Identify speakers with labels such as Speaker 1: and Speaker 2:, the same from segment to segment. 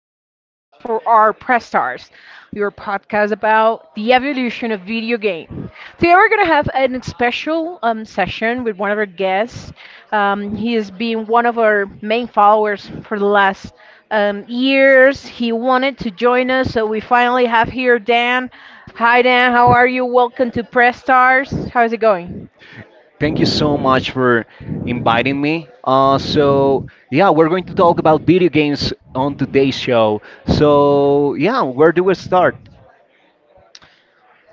Speaker 1: of our new sessions for our Press Stars, your podcast about the evolution of video game. Today, we're going to have a special session with one of our guests. He has been one of our main followers for the last years. He wanted to join us, so we finally have here Dan. Hi, Dan. How are you? Welcome to Press Stars. How's it going?
Speaker 2: Thank you so much for inviting me. So, yeah, we're going to talk about video games on today's show. So, yeah, where do we start?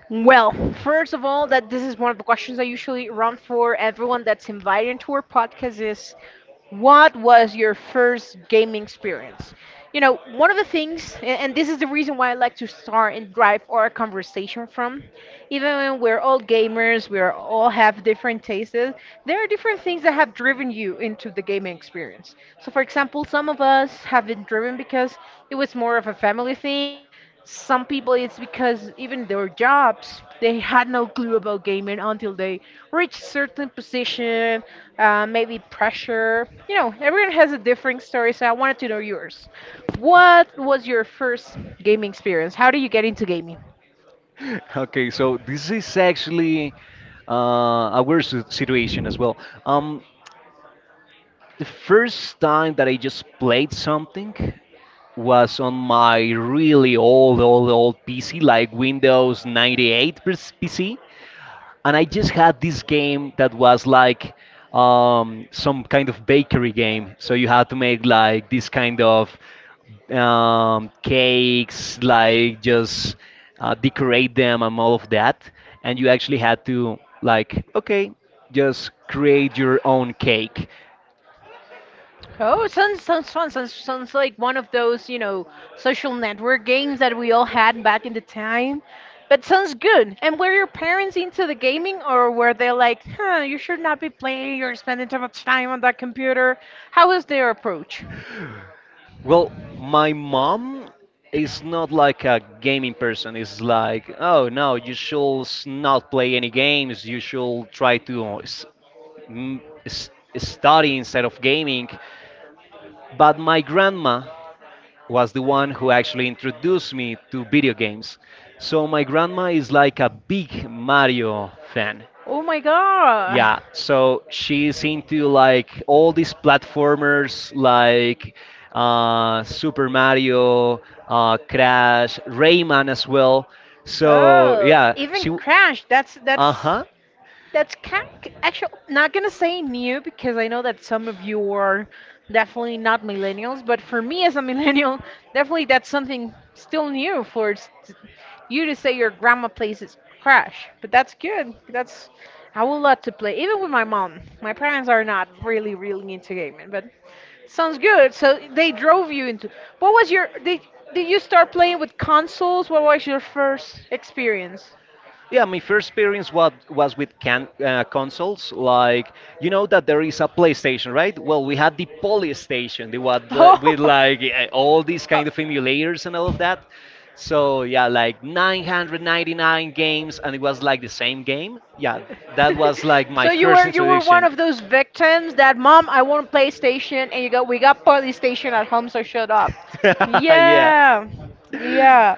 Speaker 1: Well, first of all, that this is one of the questions I usually run for everyone that's invited into our podcast is what was your first gaming experience? You know, one of the things, and this is the reason why I like to start and drive our conversation from, even when we're all gamers, we are all have different tastes, there are different things that have driven you into the gaming experience. So, for example, some of us have been driven because it was more of a family thing, some people it's because even their jobs they had no clue about gaming until they reach certain position, maybe pressure. You know, everyone has a different story, so I wanted to know yours. What was your first gaming experience? How did you get into gaming?
Speaker 2: Okay, so this is actually a weird situation as well. Um, the first time that I just played something was on my really old, old, old PC, like Windows 98 PC. And I just had this game that was like some kind of bakery game. So you had to make like this kind of cakes, like just decorate them and all of that. And you actually had to like, okay, just create your own cake.
Speaker 1: Oh, it sounds fun. Sounds like one of those, you know, social network games that we all had back in the time. But sounds good. And were your parents into the gaming, or were they like, huh, you should not be playing. You're spending too much time on that computer. How was their approach?
Speaker 2: Well, my mom is not like a gaming person. It's like, oh no, you should not play any games. You should try to mm, study instead of gaming. But my grandma was the one who actually introduced me to video games. So my grandma is like a big Mario fan.
Speaker 1: Oh my God.
Speaker 2: Yeah, so she's into like all these platformers like Super Mario, Crash, Rayman as well. So
Speaker 1: Oh,
Speaker 2: yeah,
Speaker 1: even
Speaker 2: she.
Speaker 1: Crash. That's
Speaker 2: Uh
Speaker 1: that's
Speaker 2: huh.
Speaker 1: That's kind, actually not gonna say new because I know that some of you are definitely not millennials, but for me as a millennial, definitely that's something still new for you to say your grandma plays is Crash. But that's good. That's, I would love to play, even with my mom. My parents are not really into gaming, but sounds good. So they drove you into. What was your? Did you start playing with consoles? What was your first experience?
Speaker 2: Yeah, my first experience was with can consoles. Like you know that there is a PlayStation, right? Well, we had the Polystation, the one with like all these kind of emulators and all of that. So yeah, like 999 games, and it was like the same game. Yeah, that was like my
Speaker 1: So you
Speaker 2: first
Speaker 1: were you were one
Speaker 2: introduction.
Speaker 1: of those victims that mom I want PlayStation and you go we got PlayStation at home so shut up.
Speaker 2: Yeah.
Speaker 1: Yeah. Yeah.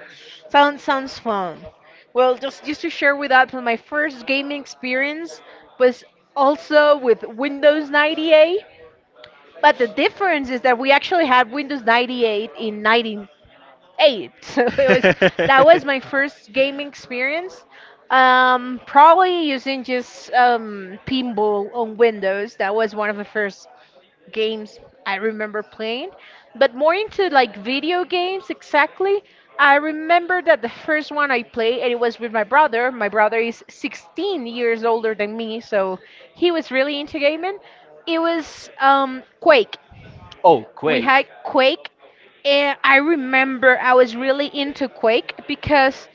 Speaker 1: Sounds fun. Well, just to share with that, so my first gaming experience was also with Windows 98. But the difference is that we actually had Windows 98 in 90, eight. So it was, that was my first gaming experience. Probably using just pinball on Windows. That was one of the first games I remember playing. But more into like video games exactly. I remember that the first one I played, and it was with my brother. My brother is 16 years older than me, so he was really into gaming. It was Quake,
Speaker 2: Oh,
Speaker 1: we
Speaker 2: Quake.
Speaker 1: had Quake, and I remember I was really into Quake because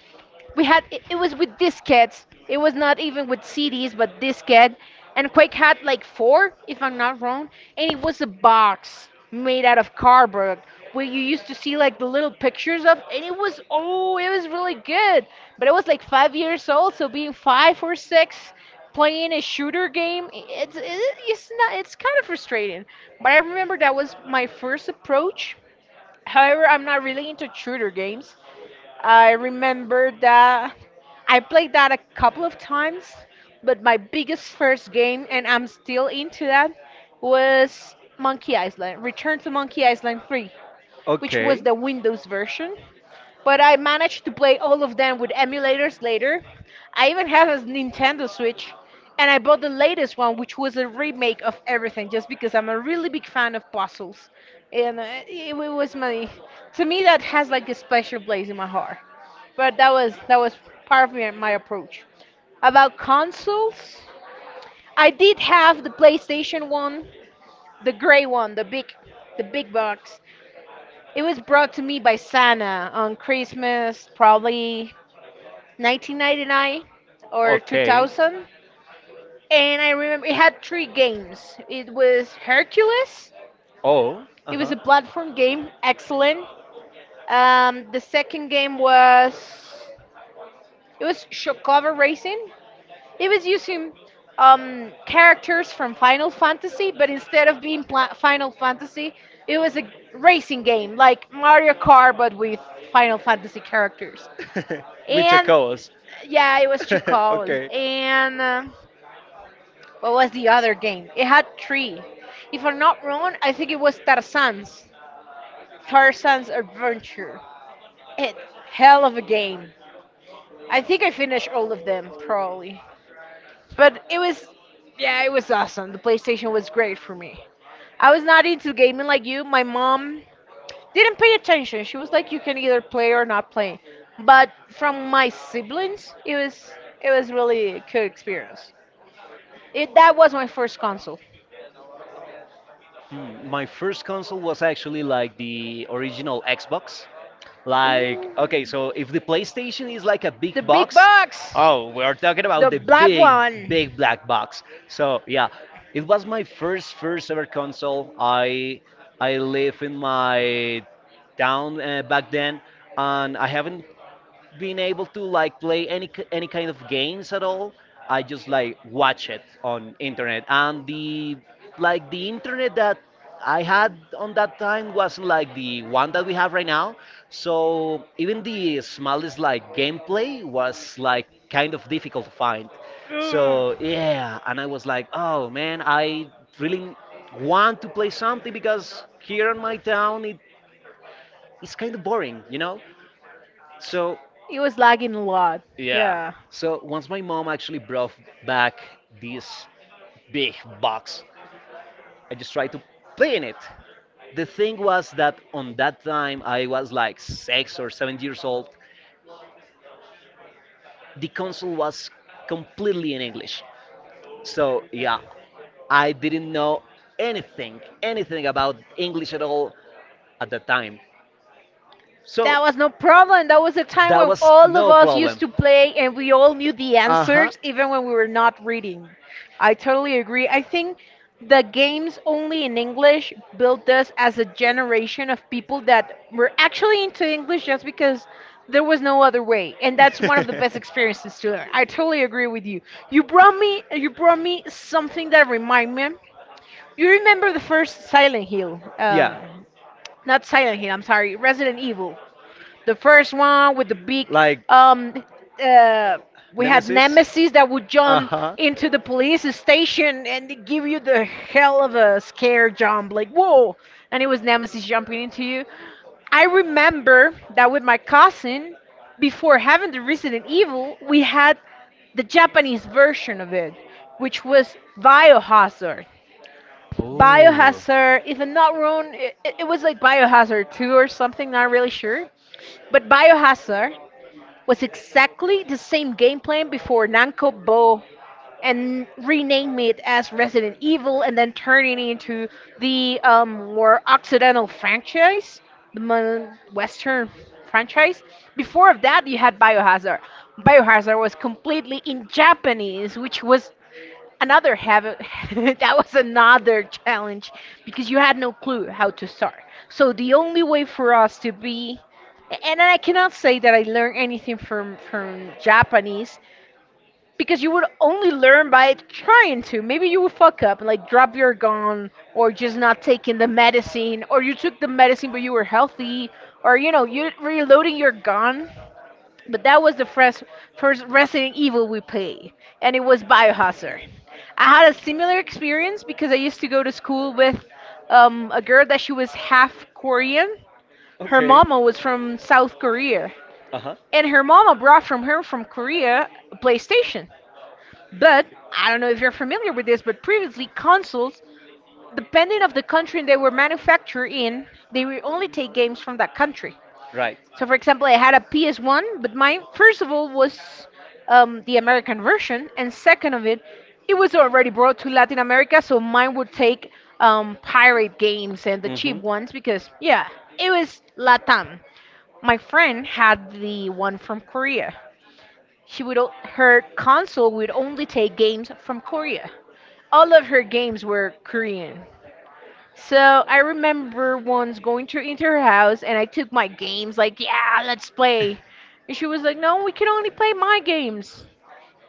Speaker 1: we had it, it was with diskettes. It was not even with CDs, but diskette. And Quake had like four, if I'm not wrong, and it was a box made out of cardboard where you used to see like the little pictures of, and it was, oh, it was really good. But I was like 5 years old, so being five or six playing a shooter game, it's not, it's kind of frustrating. But I remember that was my first approach. However, I'm not really into shooter games. I remember that I played that a couple of times, but my biggest first game, and I'm still into that, was Monkey Island, Return to Monkey Island 3, which was
Speaker 2: Okay.
Speaker 1: the Windows version. But I managed to play all of them with emulators later. I even have a Nintendo Switch, and I bought the latest one, which was a remake of everything, just because I'm a really big fan of puzzles. And it was my, to me, that has like a special place in my heart. But that was part of my approach. About consoles, I did have the PlayStation one, the gray one, the big box. It was brought to me by Santa on Christmas, probably 1999 or 2000. And I remember it had three games. It was Hercules,
Speaker 2: Oh, it was
Speaker 1: it was a
Speaker 2: uh-huh.
Speaker 1: platform game, excellent. The second game was, it was Shokava Racing. It was using characters from Final Fantasy, but instead of being Final Fantasy, it was a racing game like Mario Kart, but with Final Fantasy characters.
Speaker 2: Second game. Your
Speaker 1: And
Speaker 2: cows.
Speaker 1: yeah, it was chocobos. And What was the other game? It had three. If I'm not wrong, I think it was Tarzan's. Tarzan's Adventure. It, hell of a game. I think I finished all of them probably. But it was, yeah, it was awesome. The PlayStation was great for me. I was not into gaming like you. My mom didn't pay attention. She was like you can either play or not play. But from my siblings, it was, it was really a good experience. It, that was my first console.
Speaker 2: Hmm, my first console was actually like the original Xbox. Like, okay, so if the PlayStation is like a big
Speaker 1: Big
Speaker 2: box,
Speaker 1: box, box,
Speaker 2: oh, we're talking about the
Speaker 1: big,
Speaker 2: big,
Speaker 1: one. Big.
Speaker 2: big black box. So yeah, it was my first, first ever console. I live in my town back then, and I haven't being able to like play any kind of games at all. I just like watch it on internet, and the like the internet that I had on that time wasn't like the one that we have right now. So even the smallest like gameplay was like kind of difficult to find. So yeah, and I was like, oh man, I really want to play something because here in my town it is kind of boring. So
Speaker 1: It was lagging a lot.
Speaker 2: yeah.
Speaker 1: Yeah.
Speaker 2: So once my mom actually brought back this big box, I just tried to play in it. The thing was that on that time, I was like 6 or 7 years old. The console was completely in English. So yeah, I didn't know anything, anything about English at all at the time. So
Speaker 1: That was no problem. That was a time
Speaker 2: that
Speaker 1: when
Speaker 2: was
Speaker 1: all of
Speaker 2: no
Speaker 1: us
Speaker 2: problem.
Speaker 1: used to play and we all knew the
Speaker 2: Uh huh.
Speaker 1: answers even when we were not reading. I totally agree. I think the games only in English built us as a generation of people that were actually into English just because there was no other way. And that's one of the best experiences to learn. I totally agree with you. You brought me something that remind me, you remember the first Silent Hill?
Speaker 2: Yeah.
Speaker 1: Not Silent Hill. I'm sorry, Resident Evil. The first one with the big um uh we had Nemesis that would jump into the police station and they give you the hell of a scare jump, like whoa, and it was Nemesis jumping into you. I remember that with my cousin, before having the Resident Evil, we had the Japanese version of it, which was Biohazard.
Speaker 2: Oh.
Speaker 1: Biohazard, if I'm not wrong, it was like Biohazard 2 or something, not really sure. But Biohazard was exactly the same game plan before Namco Bo and rename it as Resident Evil and then turn it into the more occidental franchise, the western franchise. Before of that, you had Biohazard. Biohazard was completely in Japanese, which was another habit, that was another challenge because you had no clue how to start. So the only way for us to be, and I cannot say that I learned anything from Japanese, because you would only learn by trying to, maybe you would fuck up and like drop your gun, or just not taking the medicine, or you took the medicine but you were healthy, or, you know, you reloading your gun. But that was the first, first Resident Evil we played, and it was Biohazard. I had a similar experience because I used to go to school with a girl that she was half Korean. Her mama was from South Korea,
Speaker 2: Uh huh.
Speaker 1: and her mama brought from her from Korea a PlayStation. But I don't know if you're familiar with this, but previously consoles, depending of the country they were manufactured in, they will only take games from that country.
Speaker 2: Right.
Speaker 1: So, for example, I had a PS1, but mine, first of all, was the American version, and second of it, it was already brought to Latin America, so mine would take pirate games and the cheap
Speaker 2: Mhm.
Speaker 1: ones because, yeah, it was Latam. My friend had the one from Korea. She would her console would only take games from Korea. All of her games were Korean. So I remember once going to into her house and I took my games like, yeah, let's play. And she was like, no, we can only play my games.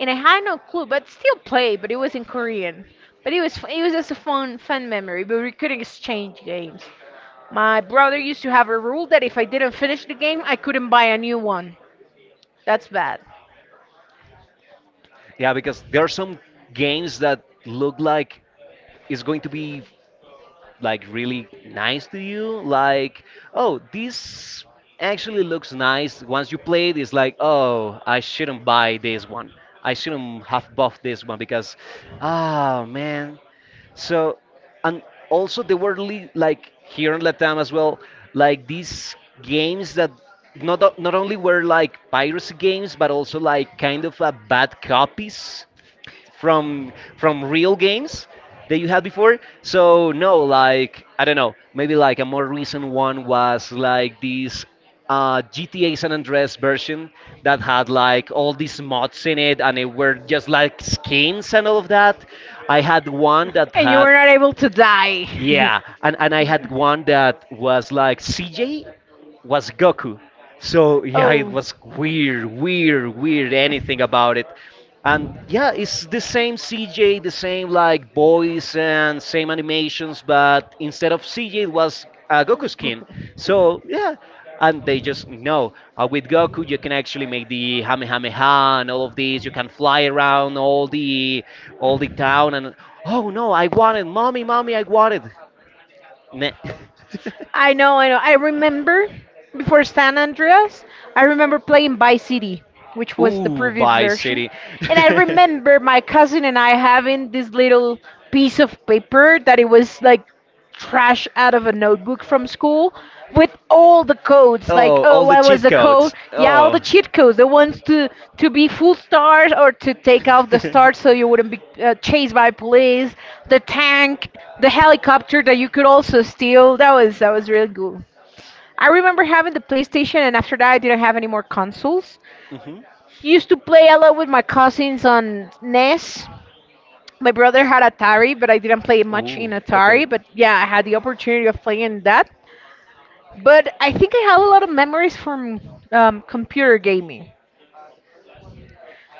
Speaker 1: And I had no clue, but still play, but it was in Korean. But it was it was just a fun memory, but we couldn't exchange games. My brother used to have a rule that if I didn't finish the game, I couldn't buy a new one. That's bad.
Speaker 2: Yeah, because there are some games that look like it's going to be like really nice to you, like, oh, this actually looks nice. Once you play it, it's like, oh, I shouldn't buy this one. I shouldn't have bought this one, because, ah, man. So, and also there were like here in latam as well, like these games that not only were like piracy games but also like kind of bad copies from real games that you had before. So no, like I don't know, maybe like a more recent one was like this GTA San Andreas version that had like all these mods in it, and it were just like skins and all of that. I had one that
Speaker 1: And you
Speaker 2: had
Speaker 1: were not able to die. Yeah.
Speaker 2: yeah, and I had one that was like CJ was Goku. So yeah, it was weird, weird, weird anything about it. And yeah, it's the same CJ, the same like voice and same animations, but instead of CJ, it was Goku skin. So yeah, and they just know with Goku you can actually make the Hamehameha and all of these. You can fly around all the town and oh no, I wanted mommy, mommy, I wanted. Nah.
Speaker 1: I know, I know. I remember before San Andreas, I remember playing Vice City, which was the
Speaker 2: Ooh,
Speaker 1: previous
Speaker 2: by
Speaker 1: version.
Speaker 2: City.
Speaker 1: And I remember my cousin and I having this little piece of paper that it was like trash out of a notebook from school with all the codes. Like,
Speaker 2: Oh, all
Speaker 1: oh,
Speaker 2: the
Speaker 1: I was
Speaker 2: cheat
Speaker 1: the code.
Speaker 2: codes.
Speaker 1: Yeah, all the
Speaker 2: Oh.
Speaker 1: cheat codes, the ones to be full stars or to take off the stars so you wouldn't be chased by police, the tank, the helicopter that you could also steal. That was really cool. I remember having the PlayStation, and after that I didn't have any more consoles.
Speaker 2: Mhm.
Speaker 1: Used to play a lot with my cousins on NES. My brother had Atari, but I didn't play much
Speaker 2: Ooh,
Speaker 1: in
Speaker 2: okay.
Speaker 1: Atari, but yeah, I had the opportunity of playing that. But I think I have a lot of memories from computer gaming.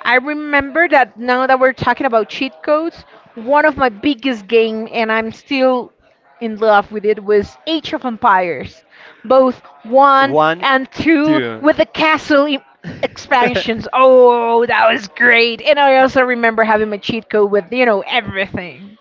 Speaker 1: I remember that now that we're talking about cheat codes, one of my biggest game, and I'm still in love with it, was Age of Empires, both one
Speaker 2: One,
Speaker 1: and two, with the
Speaker 2: two.
Speaker 1: expansions. Oh, that was great! And I also remember having my cheat code with, you know, everything.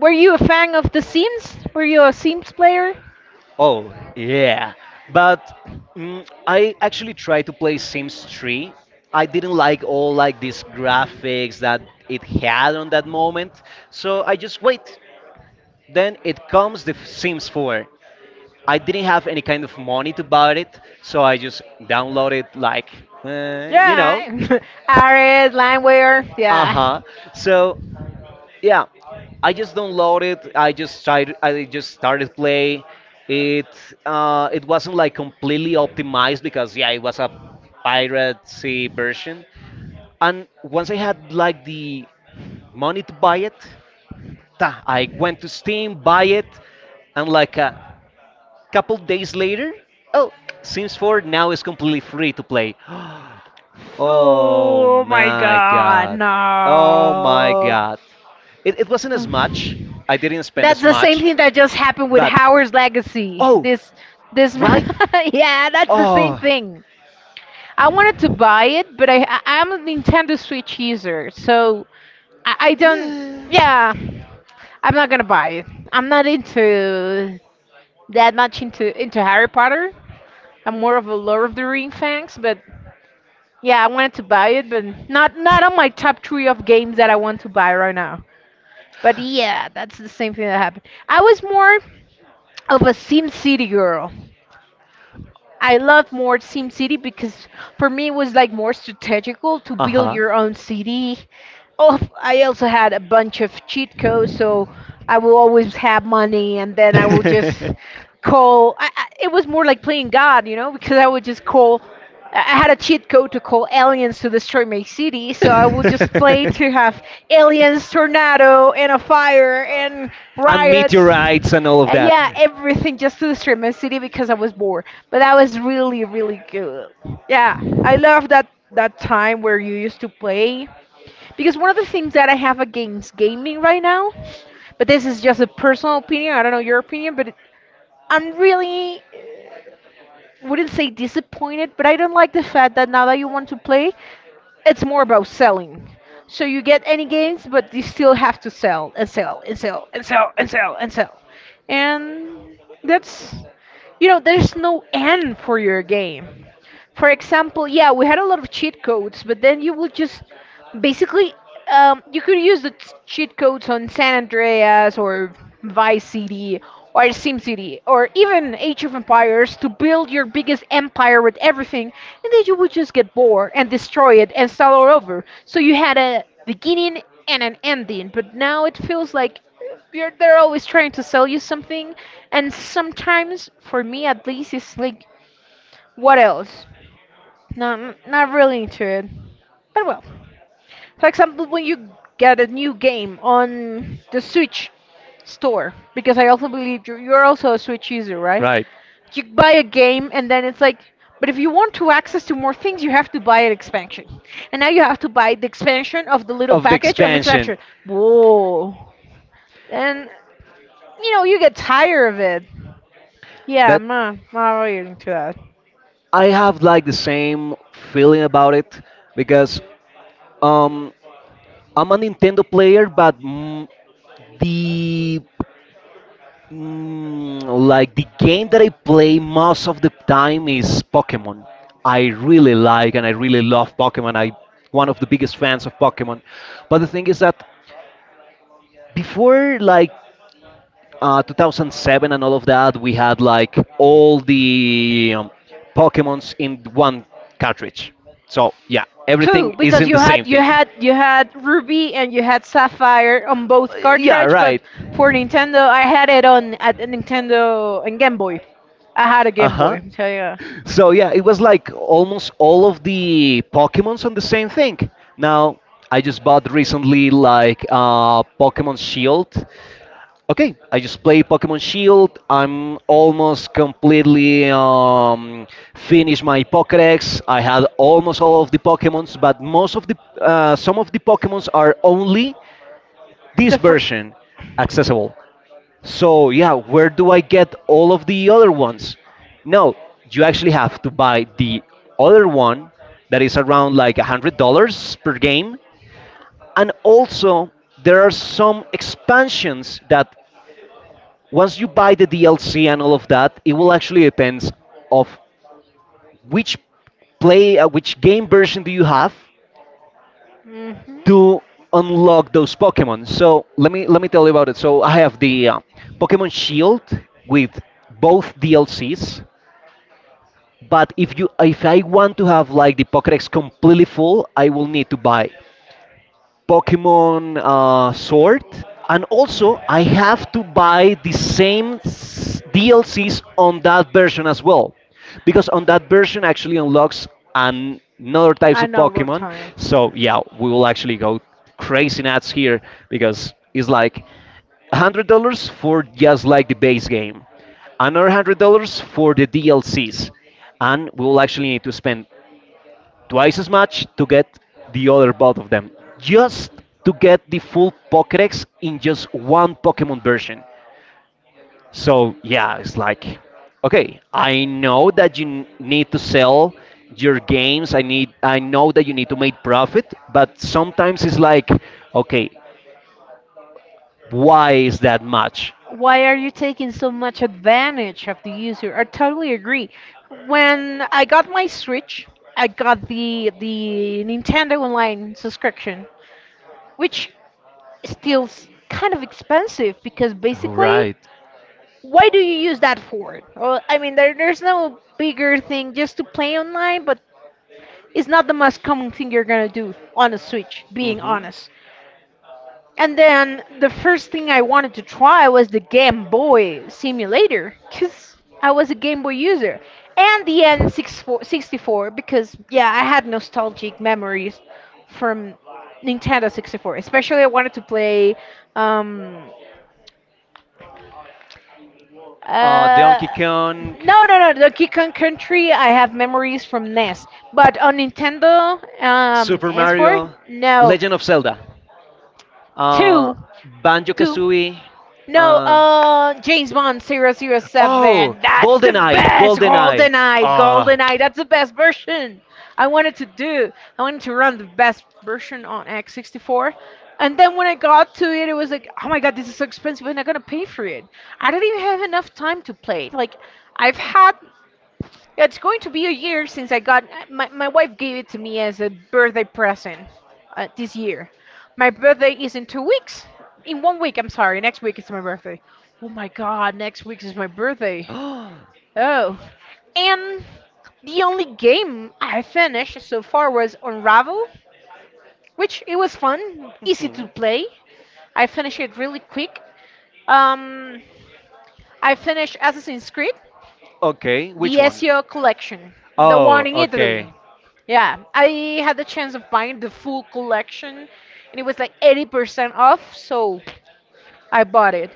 Speaker 1: Were you a fan of The Sims? Were you a Sims player?
Speaker 2: Oh, yeah. But I actually tried to play Sims 3. I didn't like all like these graphics that it had on that moment. So I just wait. Then it comes the Sims
Speaker 1: 4.
Speaker 2: 4. I didn't have any kind of money to buy it, so I just downloaded like, uh, you know,
Speaker 1: Yeah, Arid, Landwehr,
Speaker 2: uh huh.
Speaker 1: yeah.
Speaker 2: So yeah, I just downloaded. I just tried. I just started play. It it wasn't like completely optimized because yeah, it was a piracy version. And once I had like the money to buy it, ta, I went to Steam, buy it, and like a couple days later, oh, Sims 4 now is completely free to play. Oh
Speaker 1: Oh my
Speaker 2: my
Speaker 1: god,
Speaker 2: god. Oh my
Speaker 1: no.
Speaker 2: god. It wasn't as much. I didn't spend
Speaker 1: That's
Speaker 2: as
Speaker 1: the same
Speaker 2: much.
Speaker 1: thing that just happened with
Speaker 2: But,
Speaker 1: Howard's Legacy.
Speaker 2: oh,
Speaker 1: This,
Speaker 2: right?
Speaker 1: yeah, that's the same
Speaker 2: Oh.
Speaker 1: thing. I wanted to buy it, but I I'm a Nintendo Switch user, so I don't. Yeah, I'm not gonna buy it. I'm not into that much into Harry Potter. I'm more of a Lord of the Ring fans, but yeah, I wanted to buy it, but not on my top three of games that I want to buy right now. But yeah, that's the same thing that happened. I was more of a Sim City girl. I love more Sim City because for me it was like more strategical to
Speaker 2: Uh
Speaker 1: build
Speaker 2: huh.
Speaker 1: your own city. Oh, I also had a bunch of cheat codes, so I will always have money, and then I will just call. It was more like playing God, you know, because I would just call. I had a cheat code to call aliens to destroy my city, so I would just play
Speaker 2: And
Speaker 1: to have aliens, tornado, and a fire, and riots.
Speaker 2: meteorites and all of that.
Speaker 1: Yeah, everything just to destroy my city because I was bored. But that was really, really good. Yeah, I love that time where you used to play. Because one of the things that I have against gaming right now, but this is just a personal opinion, I don't know your opinion, but I'm really, wouldn't say disappointed, but I don't like the fact that now that you want to play, it's more about selling. So you get any games, but you still have to sell and sell and sell and sell and sell and sell. And that's, you know, there's no end for your game. For example, yeah, we had a lot of cheat codes, but then you would just basically you could use the cheat codes on San Andreas or Vice City or SimCity or even Age of Empires to build your biggest empire with everything, and then you would just get bored and destroy it and start all over. So you had a beginning and an ending, but now it feels like they're always trying to sell you something, and sometimes, for me at least, it's like, what else? No, I'm not really into it. But well, for example, when you get a new game on the Switch store, because I also believe you're also a Switch user, right?
Speaker 2: Right.
Speaker 1: You buy a game and then it's like, but if you want to access to more things, you have to buy an expansion, and now you have to buy the expansion of the little
Speaker 2: Of the
Speaker 1: package of the
Speaker 2: expansion.
Speaker 1: expansion. Whoa! And you know you get tired of it. Yeah,
Speaker 2: That
Speaker 1: I'm not, not really into that.
Speaker 2: I have like the same feeling about it because um I'm a Nintendo player, but the like the game that I play most of the time is Pokemon. I really like and I really love Pokemon. I one of the biggest fans of Pokemon. But the thing is that before like 2007 and all of that, we had like all the Pokemons in one cartridge. So yeah,
Speaker 1: Two,
Speaker 2: everything is
Speaker 1: because
Speaker 2: in
Speaker 1: you
Speaker 2: the same
Speaker 1: had you
Speaker 2: thing.
Speaker 1: had you had Ruby and you had Sapphire on both
Speaker 2: Yeah,
Speaker 1: cartridge,
Speaker 2: right.
Speaker 1: but for Nintendo, I had it on at the Nintendo and Game Boy. I had a
Speaker 2: Uh
Speaker 1: Game
Speaker 2: huh.
Speaker 1: Boy, so yeah.
Speaker 2: So yeah, it was like almost all of the Pokemons on the same thing. Now I just bought recently like Pokemon Shield. Okay, I just play Pokemon Shield. I'm almost completely finished my Pokédex. I had almost all of the Pokemons, but most of the some of the Pokemons are only this version accessible. So yeah, where do I get all of the other ones? No, you actually have to buy the other one that is around like $100 per game. And also, there are some expansions that once you buy the DLC and all of that, it will actually depends of which which game version do you have
Speaker 1: Hmm.
Speaker 2: to unlock those Pokemon. So let me tell you about it. So I have the Pokemon Shield with both DLCs, but if I want to have like the Pokédex completely full, I will need to buy Pokemon Sword, and also I have to buy the same DLCs on that version as well, because on that version actually unlocks another types of
Speaker 1: Another Pokemon.
Speaker 2: Pokemon.
Speaker 1: Time.
Speaker 2: So yeah, we will actually go crazy nuts here because it's like $100 for just like the base game, another $100 for the DLCs, and we will actually need to spend twice as much to get the other both of them, just to get the full Pokédex in just one Pokemon version. So yeah, it's like, okay, I know that you need to sell your games. I know that you need to make profit, but sometimes it's like, okay, why is that much?
Speaker 1: Why are you taking so much advantage of the user? I totally agree. When I got my Switch, I got the Nintendo Online subscription, which kind of expensive, because
Speaker 2: All
Speaker 1: basically,
Speaker 2: right.
Speaker 1: why do you use that for? Well, I mean, there's no bigger thing just to play online, but it's not the most common thing you're gonna do on a Switch, being
Speaker 2: Hmm.
Speaker 1: honest. And then the first thing I wanted to try was the Game Boy simulator because I was a Game Boy user. And the N64 because, yeah, I had nostalgic memories from Nintendo 64. Especially, I wanted to play. Um,
Speaker 2: Donkey
Speaker 1: uh,
Speaker 2: Kong,
Speaker 1: no, no, no, Donkey Kong Country, I have memories from NES. But on Nintendo
Speaker 2: Super
Speaker 1: S4,
Speaker 2: Mario,
Speaker 1: no.
Speaker 2: Legend of Zelda, uh,
Speaker 1: Two.
Speaker 2: Banjo
Speaker 1: Two.
Speaker 2: Kazooie.
Speaker 1: No,
Speaker 2: Uh,
Speaker 1: James Bond zero zero
Speaker 2: oh,
Speaker 1: seven. That's the
Speaker 2: GoldenEye,
Speaker 1: best.
Speaker 2: GoldenEye.
Speaker 1: Golden Eye.
Speaker 2: Ah,
Speaker 1: Golden Eye. That's the best version. I wanted to do. I wanted to run the best version on X64. And then when I got to it, it was like, oh my god, this is so expensive. I'm not gonna pay for it. I don't even have enough time to play it. Like, I've had, yeah, it's going to be a year since I got my, my wife gave it to me as a birthday present this year. My birthday is in 2 weeks. In 1 week, I'm sorry. Next week is my birthday. Oh my god, next week is my birthday. Oh. And the only game I finished so far was Unravel, which it was fun, easy to
Speaker 2: Mhm.
Speaker 1: play. I finished it really quick. Um, I finished Assassin's Creed.
Speaker 2: Okay,
Speaker 1: The
Speaker 2: which one?
Speaker 1: Ezio collection, the one
Speaker 2: Oh,
Speaker 1: in
Speaker 2: okay.
Speaker 1: Italy. Yeah, I had the chance of buying the full collection, and it was like 80% off, so I bought it.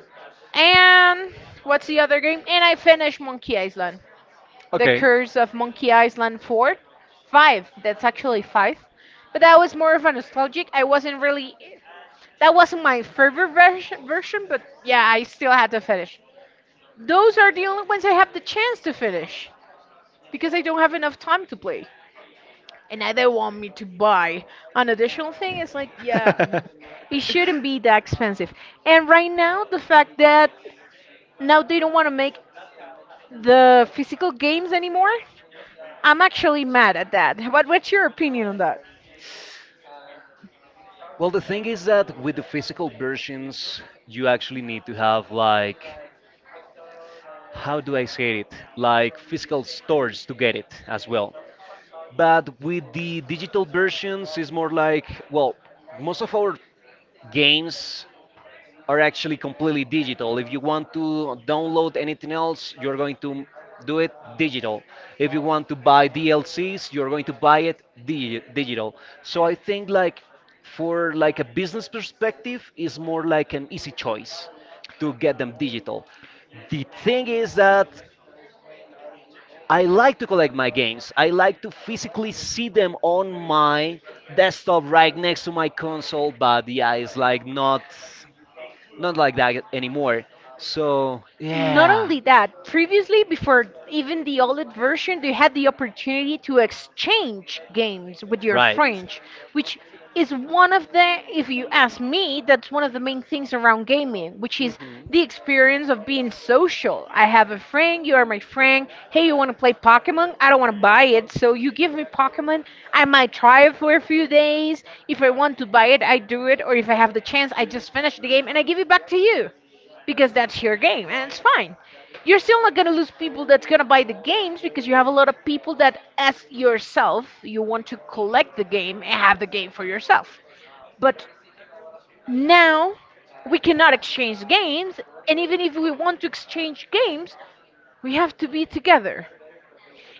Speaker 1: And what's the other game? And I finished Monkey Island. The
Speaker 2: Okay.
Speaker 1: Curse of Monkey Island 4. 5, that's actually 5. But that was more of a nostalgic. I wasn't really. That wasn't my favorite version, but yeah, I still had to finish. Those are the only ones I have the chance to finish because I don't have enough time to play. And now they want me to buy an additional thing. It's like, yeah, it shouldn't be that expensive. And right now, the
Speaker 2: Yeah.
Speaker 1: fact that now they don't want to make the physical games anymore, I'm actually mad at that. What's your opinion on that?
Speaker 2: Well, the thing is that with the physical versions, you actually need to have like, how do I say it? Like physical stores to get it as well. But with the digital versions, it's more like, well, most of our games are actually completely digital. If you want to download anything else, you're going to do it digital. If you want to buy DLCs, you're going to buy it digital. So I think like for like a business perspective, it's more like an easy choice to get them digital. The thing is that I like to collect my games. I like to physically see them on my desktop right next to my console, but yeah, it's like not like that anymore. So,
Speaker 1: Not
Speaker 2: yeah.
Speaker 1: only that, previously, before even the OLED version, you had the opportunity to exchange games with your friends, which is one of the, if you ask me, that's one of the main things around gaming, which is the experience of being social. I have a friend, you are my friend. Hey, you want to play Pokemon? I don't want to buy it, so you give me Pokemon. I might try it for a few days. If I want to buy it, I do it, or if I have the chance, I just finish the game and I give it back to you because that's your game and it's fine. You're still not gonna lose people that's gonna buy the games because you have a lot of people that, as yourself, you want to collect the game and have the game for yourself. But now we cannot exchange games, and even if we want to exchange games, we have to be together.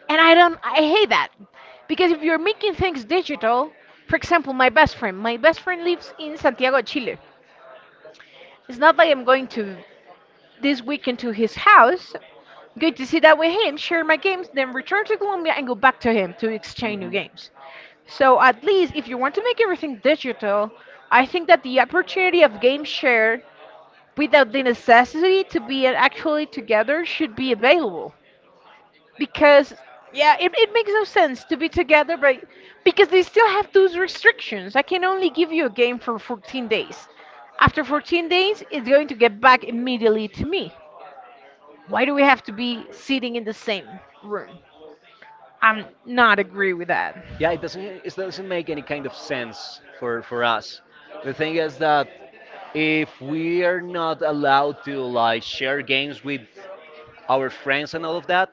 Speaker 1: And I hate that because if you're making things digital, for example, my best friend lives in Santiago, Chile. It's not like I'm going to this weekend to his house. Good to see that with him, share my games, then return to Colombia and go back to him to exchange new games. So at least if you want to make everything digital, I think that the opportunity of game share without the necessity to be actually together should be available. Because yeah, it makes no sense to be together but because they still have those restrictions. I can only give you a game for 14 days. After 14 days, it's going to get back immediately to me. Why do we have to be sitting in the same room? I'm not agree with that.
Speaker 2: Yeah, it doesn't make any kind of sense for us. The thing is that if we are not allowed to like share games with our friends and all of that,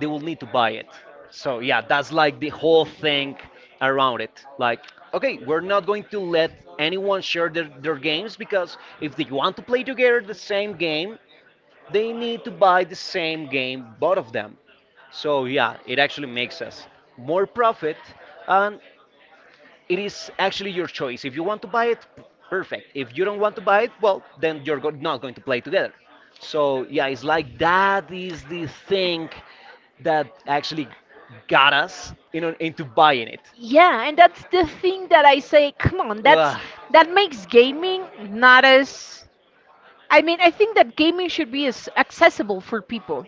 Speaker 2: they will need to buy it. So yeah, that's like the whole thing around it. Like, okay, we're not going to let anyone share their games because if they want to play together the same game, they need to buy the same game, both of them. So yeah, it actually makes us more profit and it is actually your choice. If you want to buy it, perfect. If you don't want to buy it, well, then you're not going to play together. So yeah, it's like that is the thing that actually got us into buying it.
Speaker 1: Yeah, and that's the thing that I say, come on, that's
Speaker 2: Ugh.
Speaker 1: that makes gaming not as, I mean, I think that gaming should be as accessible for people.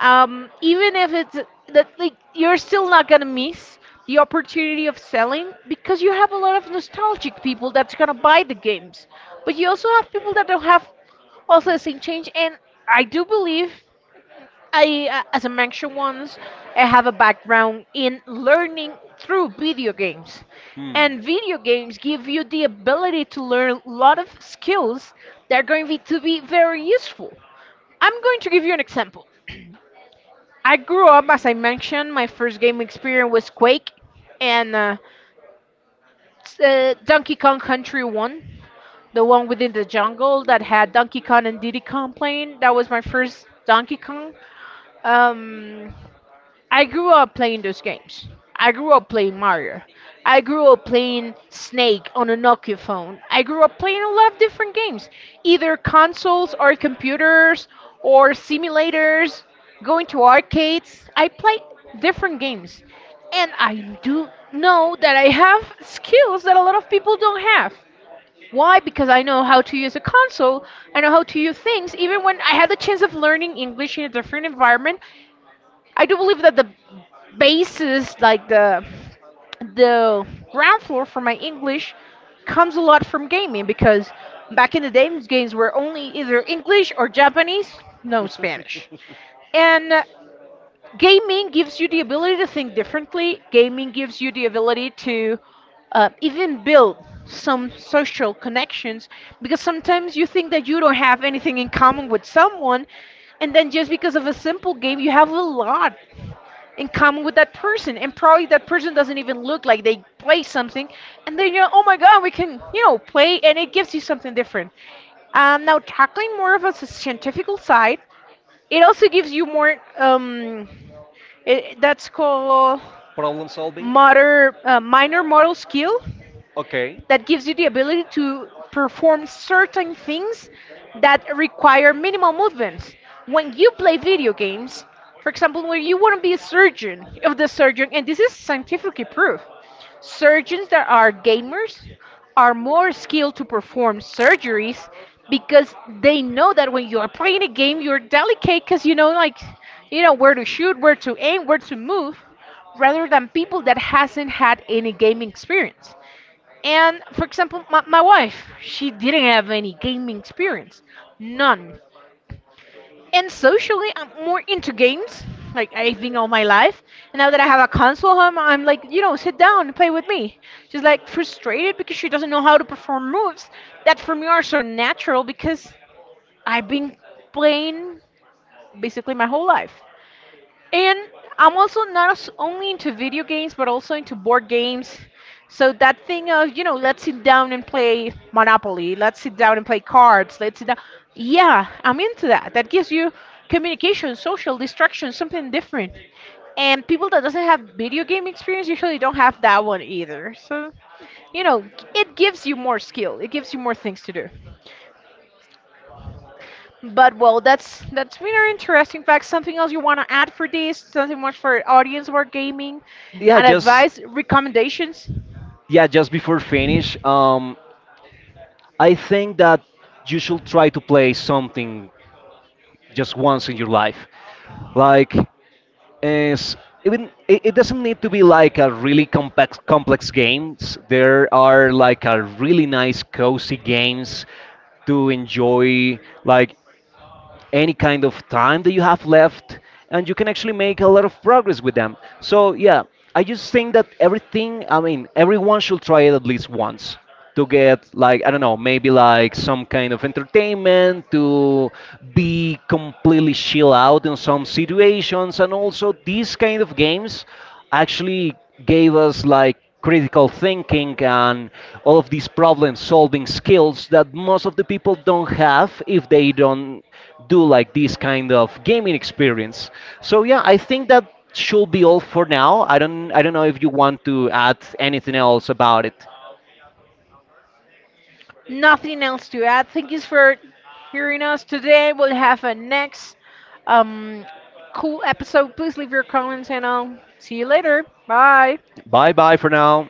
Speaker 1: Even if it's that, like, you're still not gonna miss the opportunity of selling because you have a lot of nostalgic people that's gonna buy the games. But you also have people that don't have also the same change, and I do believe as I mentioned once, I have a background in learning through video games.
Speaker 2: Hmm.
Speaker 1: And video games give you the ability to learn a lot of skills that are going to to be very useful. I'm going to give you an example. I grew up, as I mentioned, my first game experience was Quake and Donkey Kong Country 1, the one within the jungle that had Donkey Kong and Diddy Kong playing. That was my first Donkey Kong. Um, I grew up playing those games. I grew up playing Mario. I grew up playing Snake on a Nokia phone. I grew up playing a lot of different games, either consoles or computers or simulators, going to arcades. I play different games. And I do know that I have skills that a lot of people don't have. Why? Because I know how to use a console. I know how to use things. Even when I had the chance of learning English in a different environment, I do believe that the basis, like the ground floor for my English, comes a lot from gaming because back in the day, games were only either English or Japanese, no Spanish. And gaming gives you the ability to think differently. Gaming gives you the ability to even build some social connections because sometimes you think that you don't have anything in common with someone, and then just because of a simple game, you have a lot in common with that person and probably that person doesn't even look like they play something, and then you're, oh my god, we can, you know, play, and it gives you something different. Now tackling more of a scientific side, it also gives you more, it, that's called
Speaker 2: Problem solving.
Speaker 1: motor, minor motor skill
Speaker 2: Okay.
Speaker 1: that gives you the ability to perform certain things that require minimal movements. When you play video games, for example, when you want to be a surgeon, if the surgeon, and this is scientifically proved, surgeons that are gamers are more skilled to perform surgeries because they know that when you are playing a game, you're delicate because you know, like, you know where to shoot, where to aim, where to move, rather than people that hasn't had any gaming experience. And for example, my wife, she didn't have any gaming experience, none. And socially, I'm more into games, like I've been all my life. And now that I have a console home, I'm like, you know, sit down and play with me. She's like frustrated because she doesn't know how to perform moves that for me are so natural because I've been playing basically my whole life. And I'm also not only into video games, but also into board games. So that thing of, you know, let's sit down and play Monopoly, let's sit down and play cards, let's sit down. Yeah, I'm into that. That gives you communication, social distraction, something different. And people that doesn't have video game experience usually don't have that one either. So, you know, it gives you more skill. It gives you more things to do.
Speaker 2: Just
Speaker 1: But well, that's really interesting fact. Something else
Speaker 2: really. In.
Speaker 1: you want to add for this? Something much for audience or gaming,
Speaker 2: Yeah,
Speaker 1: and
Speaker 2: just
Speaker 1: advice, recommendations?
Speaker 2: yeah, just before finish, I think that you should try to play something just once in your life. Like, is even it doesn't need to be like a really complex games. There are like a really nice cozy games to enjoy, like any kind of time that you have left. And you can actually make a lot of progress with them. So yeah, I just think that everything I mean everyone should try it at least once, to get like, I don't know, maybe like some kind of entertainment, to be completely chill out in some situations. And also, these kind of games actually gave us like critical thinking and all of these problem solving skills that most of the people don't have if they don't do like this kind of gaming experience. So yeah, I think that should be all for now. I don't know if you want to add anything else about it.
Speaker 1: Nothing else to add. Thank you for hearing us today. We'll have a next um, cool episode. Please leave your comments and I'll see you later. Bye.
Speaker 2: Bye bye for now.